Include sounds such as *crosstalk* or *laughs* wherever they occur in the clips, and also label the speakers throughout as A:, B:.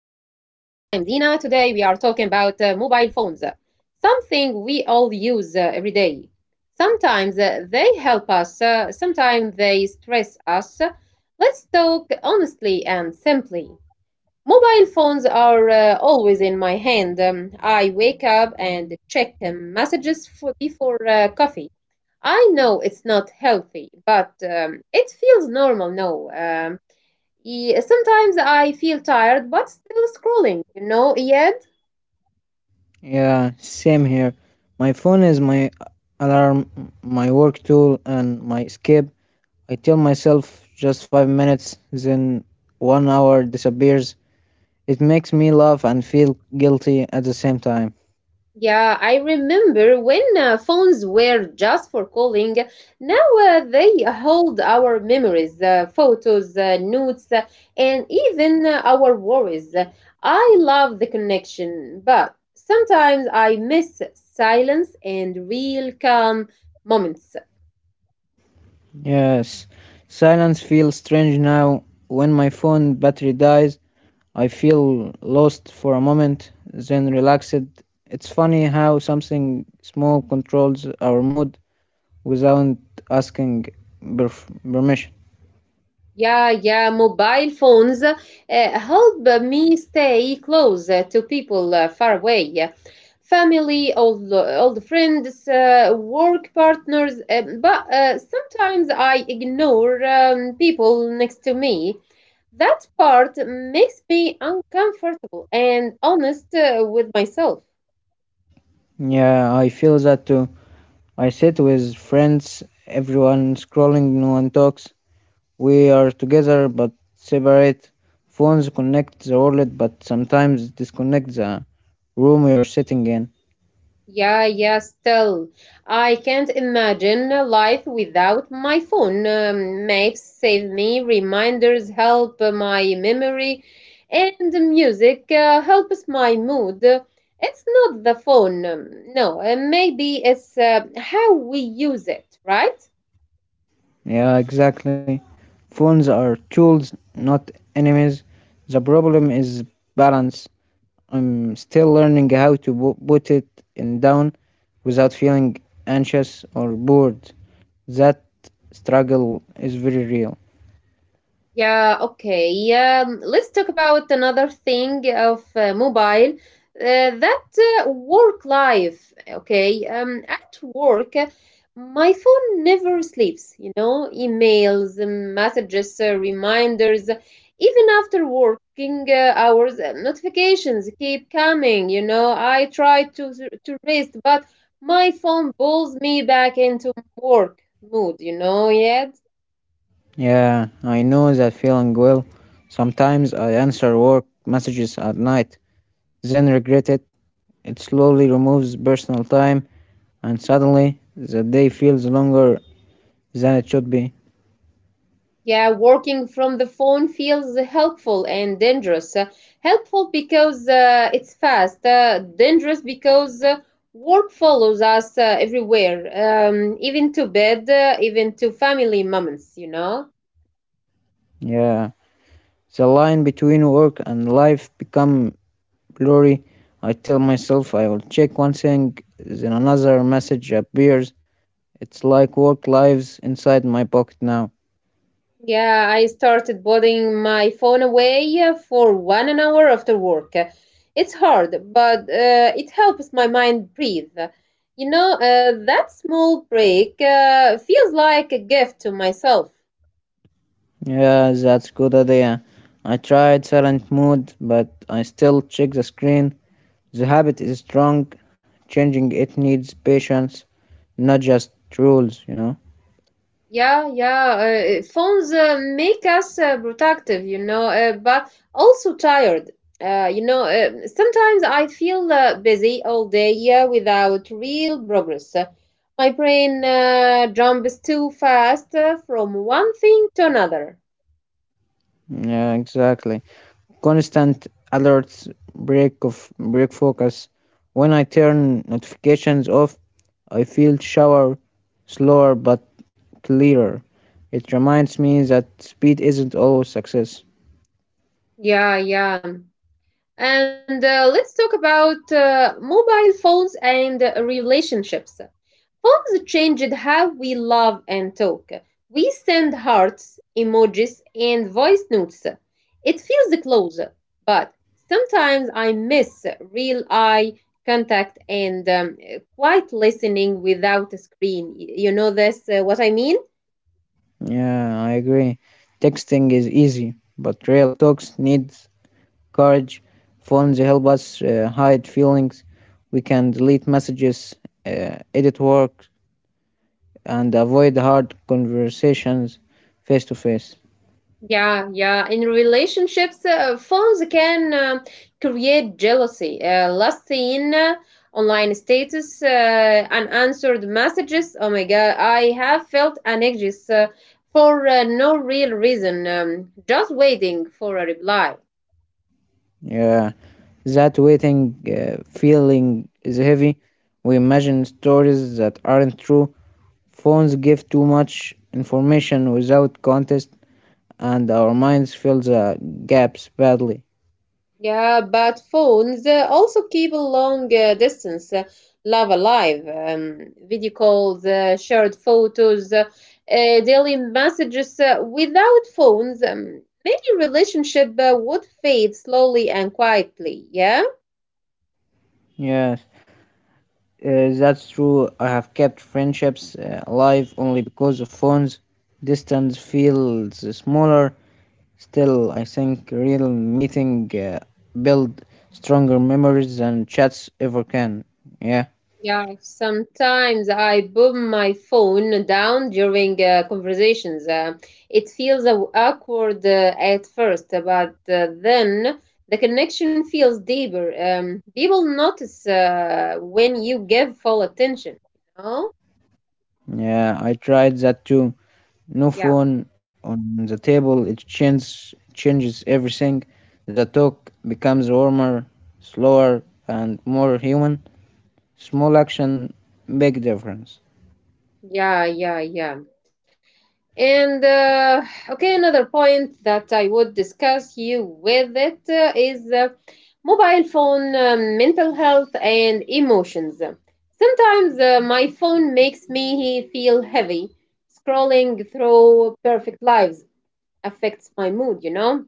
A: Dina. Today, we are talking about mobile phones, something we all use every day. Sometimes they help us, sometimes they stress us. Let's talk honestly and simply. Mobile phones are always in my hand. I wake up and check messages before coffee. I know it's not healthy, but it feels normal now. Um, yeah, sometimes I feel tired but still scrolling, yet.
B: Yeah, same here. My phone is my alarm, my work tool, and my escape. I tell myself just 5 minutes, then one hour disappears. It makes me laugh and feel guilty at the same time.
A: Yeah, I remember when phones were just for calling. Now they hold our memories, photos, notes, and even our worries. I love the connection, but sometimes I miss silence and real calm moments.
B: Yes, silence feels strange now. When my phone battery dies, I feel lost for a moment, then relaxed. It's funny how something small controls our mood without asking permission.
A: Yeah, yeah, mobile phones help me stay close to people far away. Family, old friends, work partners, but sometimes I ignore people next to me. That part makes me uncomfortable and honest with myself.
B: Yeah, I feel that too. I sit with friends, everyone scrolling, no one talks. We are together but separate. Phones connect the world but sometimes disconnect the room we are sitting in.
A: Yeah, yeah, still. I can't imagine a life without my phone. Maps save me, reminders help my memory, and the music helps my mood. It's not the phone, no, maybe it's how we use it, right?
B: Yeah, exactly. Phones are tools, not enemies. The problem is balance. I'm still learning how to put it in down without feeling anxious or bored. That struggle is very real.
A: Yeah, okay. Let's talk about another thing of mobile. That work life, okay. At work, my phone never sleeps, you know, emails, messages, reminders, even after working hours, notifications keep coming, you know. I try to rest, but my phone pulls me back into work mood, you know, yeah.
B: Yeah, I know that feeling well. Sometimes I answer work messages at night, then regret it. It slowly removes personal time, and suddenly the day feels longer than it should be.
A: Yeah, working from the phone feels helpful and dangerous. Helpful because it's fast, dangerous because work follows us everywhere, even to bed, even to family moments, you know?
B: Yeah, the line between work and life become blurry. I tell myself I will check one thing, then another message appears. It's like work lives inside my pocket now.
A: Yeah, I started putting my phone away for one an hour after work. It's hard, but it helps my mind breathe. You know, that small break feels like a gift to myself.
B: Yeah, that's good idea. I tried silent mode, but I still check the screen. The habit is strong. Changing it needs patience, not just rules.
A: Yeah, yeah. Phones make us productive, you know, but also tired. Sometimes I feel busy all day without real progress. My brain jumps too fast from one thing to another.
B: Yeah, exactly. Constant alerts, break focus. When I turn notifications off, I feel shower slower but clearer. It reminds me that speed isn't always success.
A: Yeah, yeah. And let's talk about mobile phones and relationships. Phones changed how we love and talk. We send hearts, emojis, and voice notes. It feels close, but sometimes I miss real eye contact and quiet listening without a screen. You know this, what I mean?
B: Yeah, I agree. Texting is easy, but real talks needs courage. Phones help us hide feelings. We can delete messages, edit work, and avoid hard conversations face to face.
A: Yeah, yeah. In relationships, phones can create jealousy. Last seen, online status, unanswered messages. Oh my God, I have felt anxious for no real reason, just waiting for a reply.
B: Yeah, that waiting feeling is heavy. We imagine stories that aren't true. Phones give too much information without context, and our minds fill the gaps badly.
A: Yeah, but phones also keep a long distance love alive. Video calls, shared photos, daily messages. Without phones, many relationship would fade slowly and quietly. Yeah.
B: Yes. That's true. I have kept friendships alive only because of phones. Distance feels smaller. Still, I think real meeting build stronger memories than chats ever can. Yeah,
A: Yeah, sometimes I boom my phone down during conversations. It feels awkward at first, but then the connection feels deeper. People notice when you give full attention. You know?
B: yeah. I tried that too. No
A: Yeah,
B: phone on the table. It changes everything. The talk becomes warmer, slower, and more human. Small action, big difference.
A: yeah, yeah, yeah. And okay, another point that I would discuss you with it is mobile phone, mental health, and emotions. Sometimes my phone makes me feel heavy. Scrolling through perfect lives affects my mood, you know.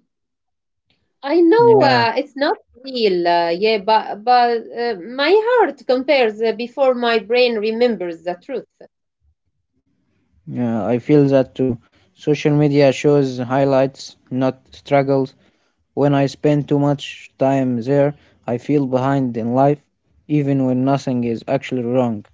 A: I know
B: Yeah,
A: it's not real, yeah, but but my heart compares before my brain remembers the truth.
B: yeah, I feel that too. Social media shows highlights, not struggles. When I spend too much time there, I feel behind in life, even when nothing is actually wrong.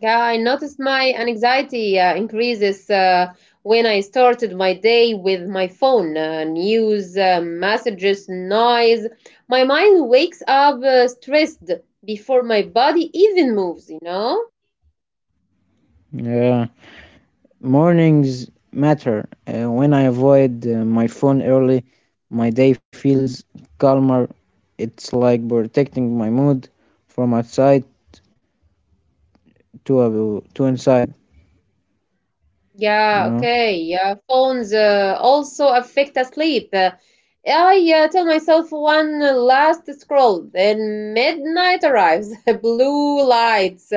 A: Yeah, I noticed my anxiety increases when I started my day with my phone, news, messages, noise. My mind wakes up stressed before my body even moves, you know?
B: Yeah, mornings matter. When I avoid my phone early, my day feels calmer. It's like protecting my mood from outside to inside, you
A: Yeah,
B: know?
A: okay. Yeah, phones also affect us sleep. I tell myself one last scroll, then midnight arrives, *laughs* blue lights,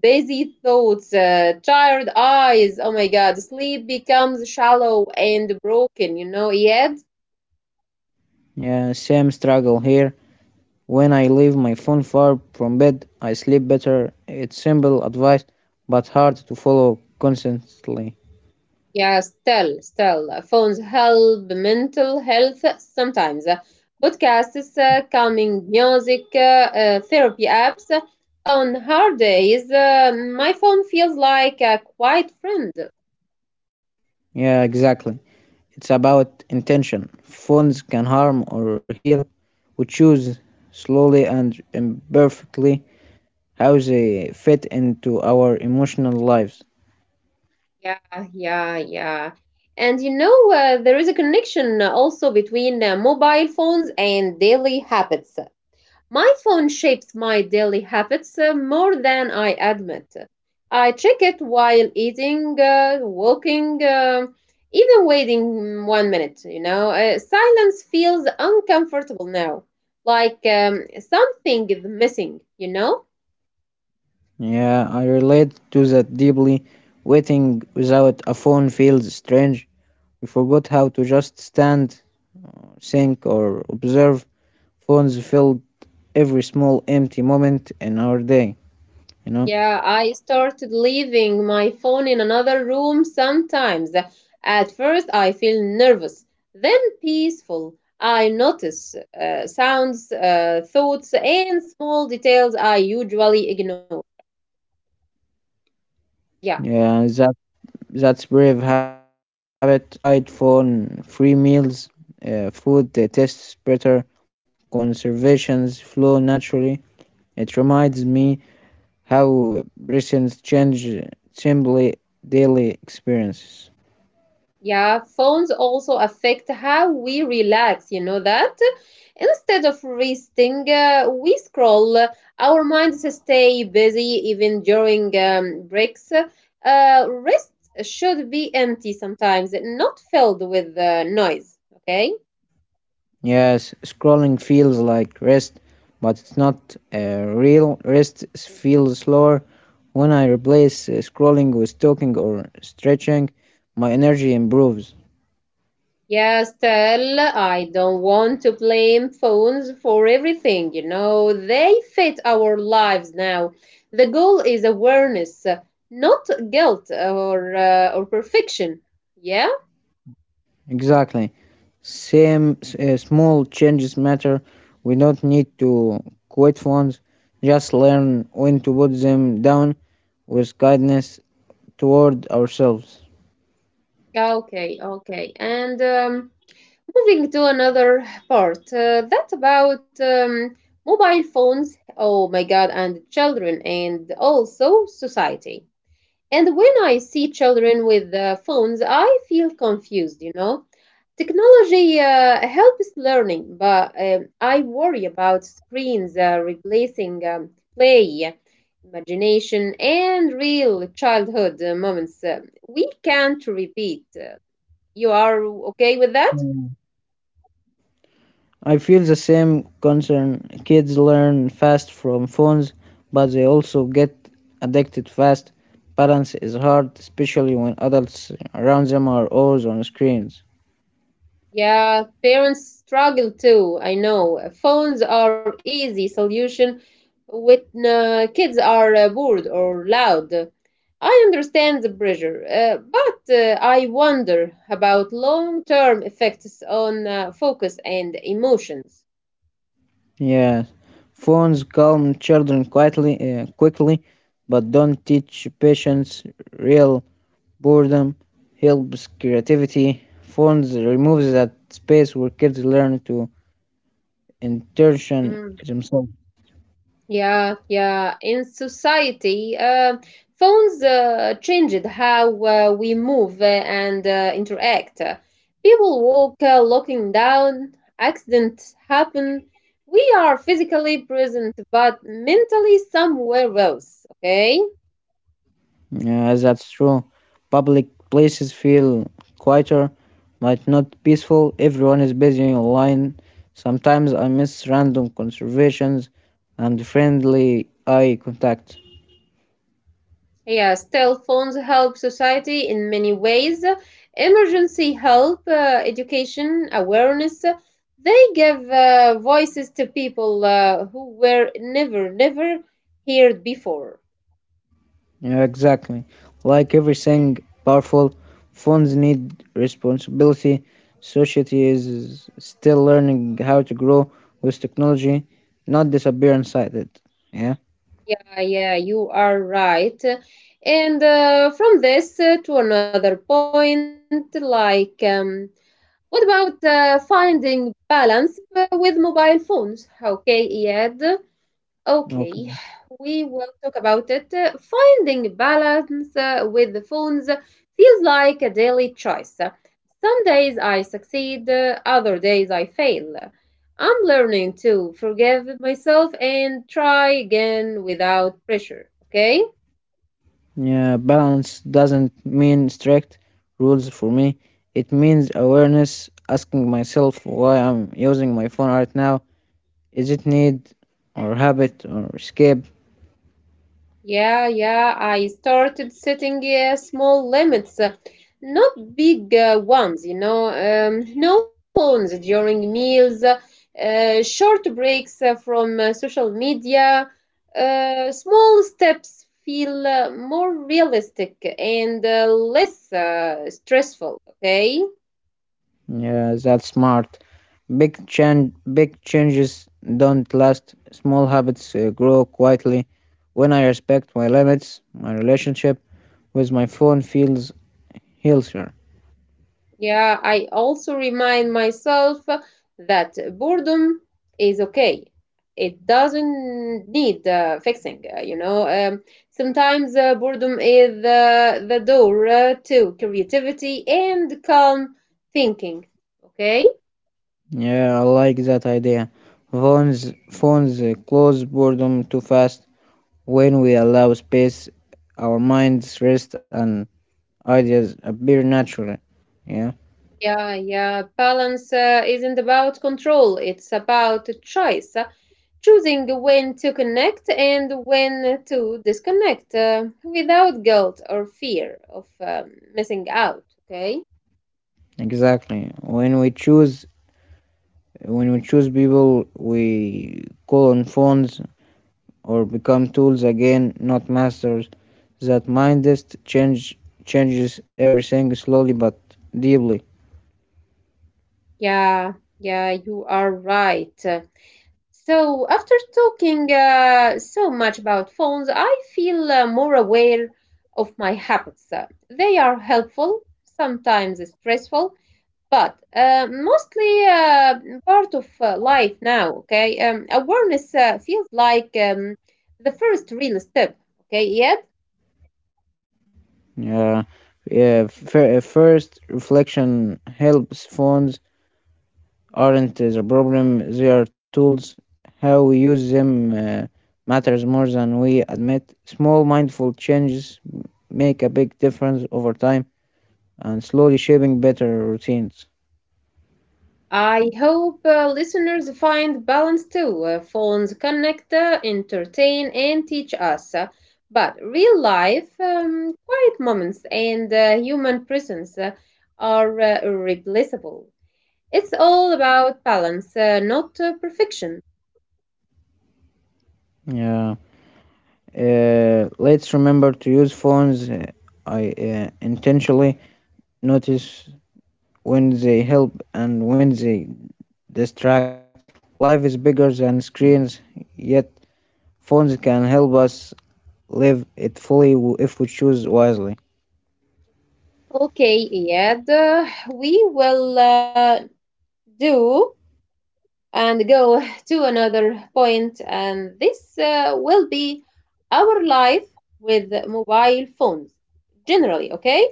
A: busy thoughts, tired eyes. Oh my God, sleep becomes shallow and broken, you know, Yet.
B: Yeah, same struggle here. When I leave my phone far from bed, I sleep better. It's simple advice, but hard to follow consistently.
A: Yeah, still, phones help mental health sometimes. Podcasts, calming music, therapy apps. On hard days, my phone feels like a quiet friend.
B: Yeah, exactly. It's about intention. Phones can harm or heal. We choose slowly and imperfectly how they fit into our emotional lives.
A: Yeah, yeah, yeah. And you know, there is a connection also between mobile phones and daily habits. My phone shapes my daily habits more than I admit. I check it while eating, walking, even waiting 1 minute, you know. Silence feels uncomfortable now, like something is missing, you know?
B: Yeah, I relate to that deeply. Waiting without a phone feels strange. We forgot how to just stand, think, or observe. Phones filled every small empty moment in our day, you know?
A: Yeah, I started leaving my phone in another room sometimes. At first, I feel nervous, then peaceful. I notice sounds, thoughts, and small details I usually ignore. Yeah.
B: Yeah, that's brave habit. I tried phone free meals, food that tastes better, conservations flow naturally. It reminds me how recent change simply daily experiences.
A: Yeah, phones also affect how we relax, you know that? Instead of resting, we scroll. Our minds stay busy even during breaks. Rest should be empty sometimes, not filled with noise, okay?
B: Yes, scrolling feels like rest, but it's not real. Rest feels slower. When I replace scrolling with talking or stretching, my energy improves.
A: Yeah, still, I don't want to blame phones for everything, you know. They fit our lives now. The goal is awareness, not guilt or perfection. Yeah?
B: Exactly. Same small changes matter. We don't need to quit phones, just learn when to put them down with kindness toward ourselves.
A: Okay, okay. And moving to another part, that about mobile phones, oh my God, and children, and also society. And when I see children with phones, I feel confused, you know. Technology helps learning, but I worry about screens replacing play, imagination, and real childhood moments. We can't repeat. You are okay with that?
B: I feel the same concern. Kids learn fast from phones, but they also get addicted fast. Balance is hard, especially when adults around them are always on screens.
A: Yeah, parents struggle too. I know. Phones are easy solution when kids are bored or loud. I understand the pressure, but I wonder about long-term effects on focus and emotions.
B: Yeah, phones calm children quietly, quickly, but don't teach patience. Real boredom helps creativity. Phones removes that space where kids learn to intention themselves.
A: Yeah, yeah. In society, phones changed how we move and interact. People walk looking down, accidents happen. We are physically present, but mentally somewhere else, okay?
B: Yes, that's true. Public places feel quieter, but not peaceful. Everyone is busy online. Sometimes I miss random conversations and friendly eye contact.
A: Yes, telephones help society in many ways. Emergency help, education, awareness. They give voices to people who were never heard before.
B: Yeah, exactly. Like everything powerful, phones need responsibility. Society is still learning how to grow with technology, not disappear inside it. Yeah.
A: Yeah, you are right. And from this to another point, like what about finding balance with mobile phones? Okay, Iyad.
B: Okay.
A: Okay, we will talk about it. Finding balance with the phones feels like a daily choice. Some days I succeed, other days I fail. I'm learning to forgive myself and try again without pressure, okay?
B: Yeah, balance doesn't mean strict rules for me. It means awareness, asking myself why I'm using my phone right now. Is it need or habit or escape?
A: Yeah, yeah, I started setting small limits, not big ones, you know. No phones during meals, short breaks from social media. Small steps feel more realistic and less stressful, okay?
B: Yeah, that's smart. Big changes don't last. Small habits grow quietly. When I respect my limits, my relationship with my phone feels healthier.
A: Yeah, I also remind myself that boredom is okay. It doesn't need fixing, you know. Sometimes boredom is the door to creativity and calm thinking, okay?
B: Yeah, I like that idea. Phones close boredom too fast. When we allow space, our minds rest and ideas appear naturally. Yeah,
A: Yeah, yeah. Balance isn't about control, it's about choice. Choosing when to connect and when to disconnect without guilt or fear of missing out, okay?
B: exactly. When we choose people, we call on phones or become tools again, not masters. That mindest change changes everything slowly but deeply.
A: Yeah, yeah, you are right. So, after talking so much about phones, I feel more aware of my habits. They are helpful, sometimes stressful, but mostly part of life now, okay? Awareness feels like the first real step, okay? Yet,
B: Yeah, yeah. First, reflection helps phones aren't the problem, they are tools. How we use them matters more than we admit. Small mindful changes make a big difference over time and slowly shaping better routines.
A: I hope listeners find balance too. Phones connect, entertain, and teach us. But real life, quiet moments, and human presence are irreplaceable. It's all about balance, not perfection.
B: Yeah. Let's remember to use phones I intentionally notice when they help and when they distract. Life is bigger than screens, yet phones can help us live it fully if we choose wisely.
A: Okay, Iyad, we will do and go to another point, and this will be our life with mobile phones generally, okay?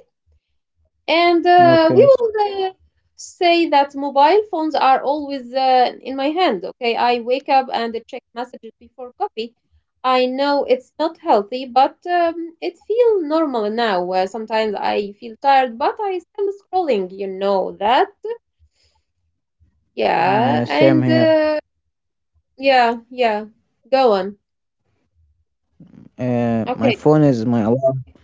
A: And we
B: Okay.
A: will say that mobile phones are always in my hand. Okay, I wake up and check messages before coffee. I know it's not healthy, but it feels normal now. Sometimes I feel tired but I still scrolling, you know that. Yeah,
B: Yeah, same
A: and
B: here.
A: yeah, yeah, go on.
B: My
A: Okay.
B: phone is my alarm,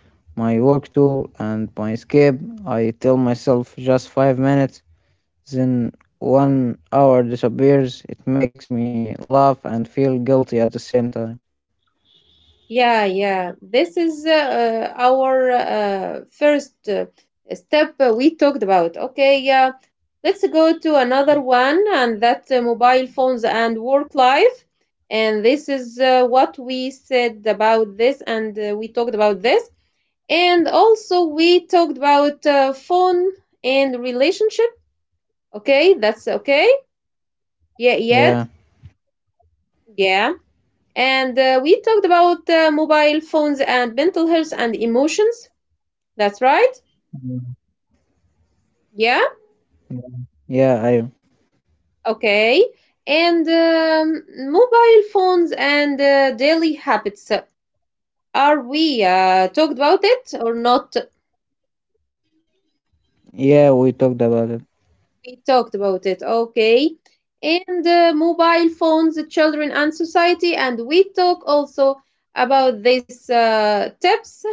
B: my work tool, and my escape. I tell myself just 5 minutes, then one hour disappears. It makes me laugh and feel guilty at the same time.
A: Yeah, yeah. This is our first step we talked about. Okay, yeah. Let's go to another one, and that mobile phones and work life. And this is what we said about this, and we talked about this. And also, we talked about phone and relationship. Okay, that's okay. Yeah, yet,
B: Yeah.
A: yeah. And we talked about mobile phones and mental health and emotions. That's right. Yeah.
B: Yeah, Yeah, I.
A: Okay. And mobile phones and daily habits. Are we talked about it or not?
B: Yeah, we talked about it.
A: We talked about it. Okay. And mobile phones, children, and society. And we talk also about these tips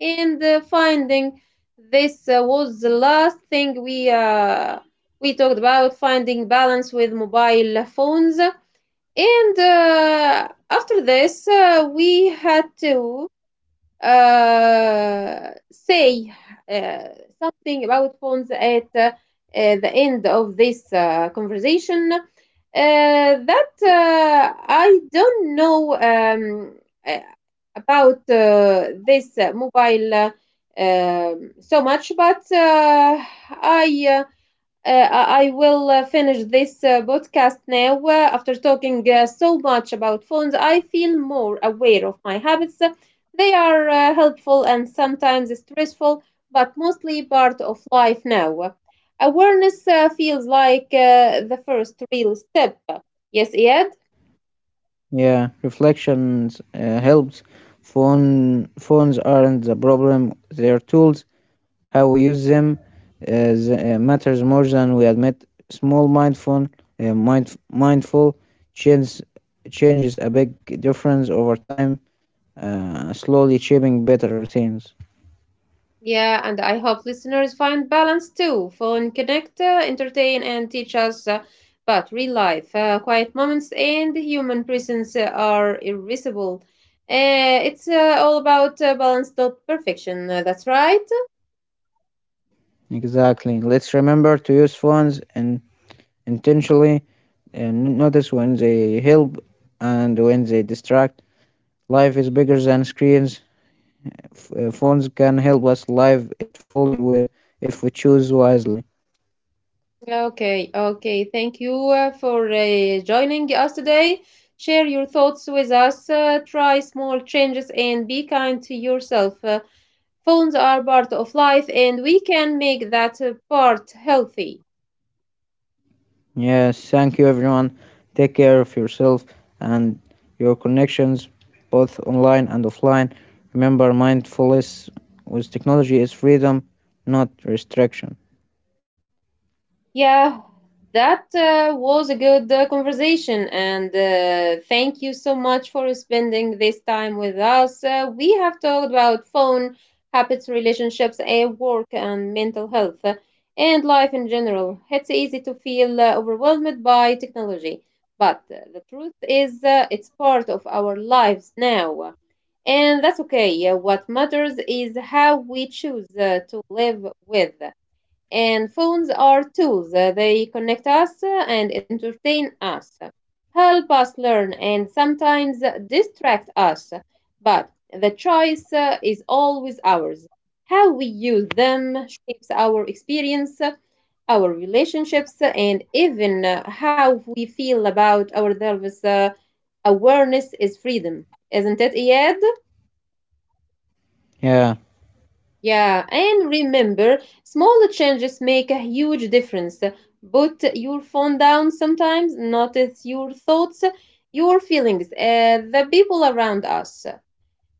A: and finding. This was the last thing we talked about finding balance with mobile phones. And after this, we had to say uh, something about phones at the end of this conversation. That I don't know uh, about this mobile so much, but I. Uh, I will finish this podcast now. After talking so much about phones, I feel more aware of my habits. They are helpful and sometimes stressful, but mostly part of life now. Awareness feels like the first real step. Yes, Ed?
B: Yeah, reflections helps. Phones aren't the problem; they're tools. How we use them matters more than we admit. Small mindful change, changes a big difference over time, slowly shaping better routines.
A: Yeah, and I hope listeners find balance too. Phone connect, entertain, and teach us about real life. Quiet moments and human presence are irreplaceable. It's all about balance, not perfection. That's right.
B: Exactly. Let's remember to use phones and intentionally and notice when they help and when they distract. Life is bigger than screens. Phones can help us live it fully if we choose wisely.
A: Okay, okay. Thank you for joining us today. Share your thoughts with us. Try small changes and be kind to yourself. Phones are part of life, and we can make that part healthy.
B: Yes, thank you everyone. Take care of yourself and your connections, both online and offline. Remember, mindfulness with technology is freedom, not restriction.
A: Yeah, that was a good conversation, and thank you so much for spending this time with us. We have talked about phone habits, relationships, and work, and mental health, and life in general. It's easy to feel overwhelmed by technology, but the truth is, it's part of our lives now. And that's okay. What matters is how we choose to live with. And phones are tools. They connect us and entertain us, help us learn, and sometimes distract us. But the choice is always ours. How we use them shapes our experience, our relationships, and even how we feel about ourselves. Awareness is freedom, isn't it, Iyad?
B: Yeah,
A: Yeah, and remember, small changes make a huge difference. Put your phone down sometimes, notice your thoughts, your feelings, the people around us.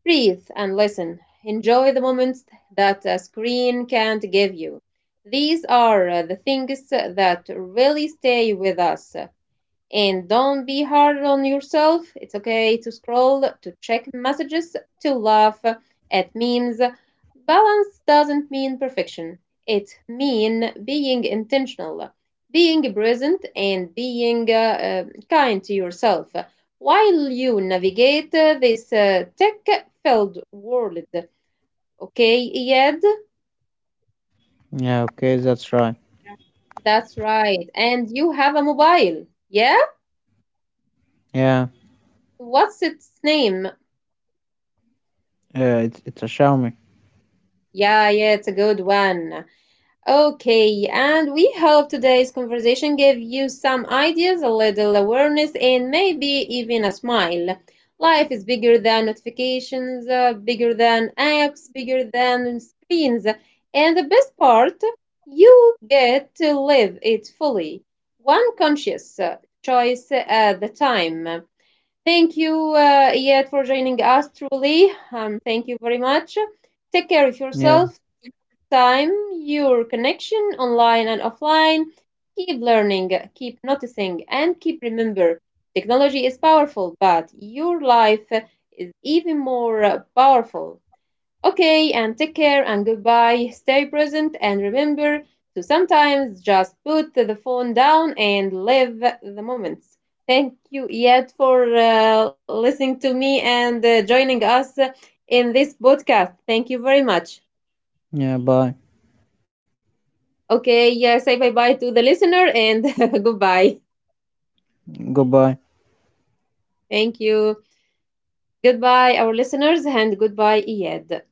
A: Breathe and listen. Enjoy the moments that a screen can't give you. These are the things that really stay with us. And don't be hard on yourself. It's okay to scroll, to check messages, to laugh at memes. Balance doesn't mean perfection. It means being intentional, being present, and being kind to yourself while you navigate this tech-filled world. Okay, Iyad?
B: yeah, okay, that's right.
A: That's right. And you have a mobile. Yeah?
B: Yeah,
A: What's its name?
B: yeah, it's a Xiaomi.
A: Yeah, yeah, it's a good one. Okay, and we hope today's conversation gave you some ideas, a little awareness, and maybe even a smile. Life is bigger than notifications, bigger than apps, bigger than screens. And the best part, you get to live it fully, one conscious choice at the time. Thank you, Iyad, for joining us truly. Thank you very much. Take care of
B: Yeah,
A: yourself, time, your connection online and offline. Keep learning, keep noticing, and keep remember. Technology is powerful, but your life is even more powerful. Okay, and take care and goodbye. Stay present and remember to sometimes just put the phone down and live the moments. Thank you, Yet, for listening to me and joining us in this podcast. Thank you very much.
B: yeah, bye.
A: Okay, yeah, say bye bye to the listener and *laughs* goodbye.
B: Goodbye.
A: Thank you. Goodbye, our listeners, and goodbye, Yed.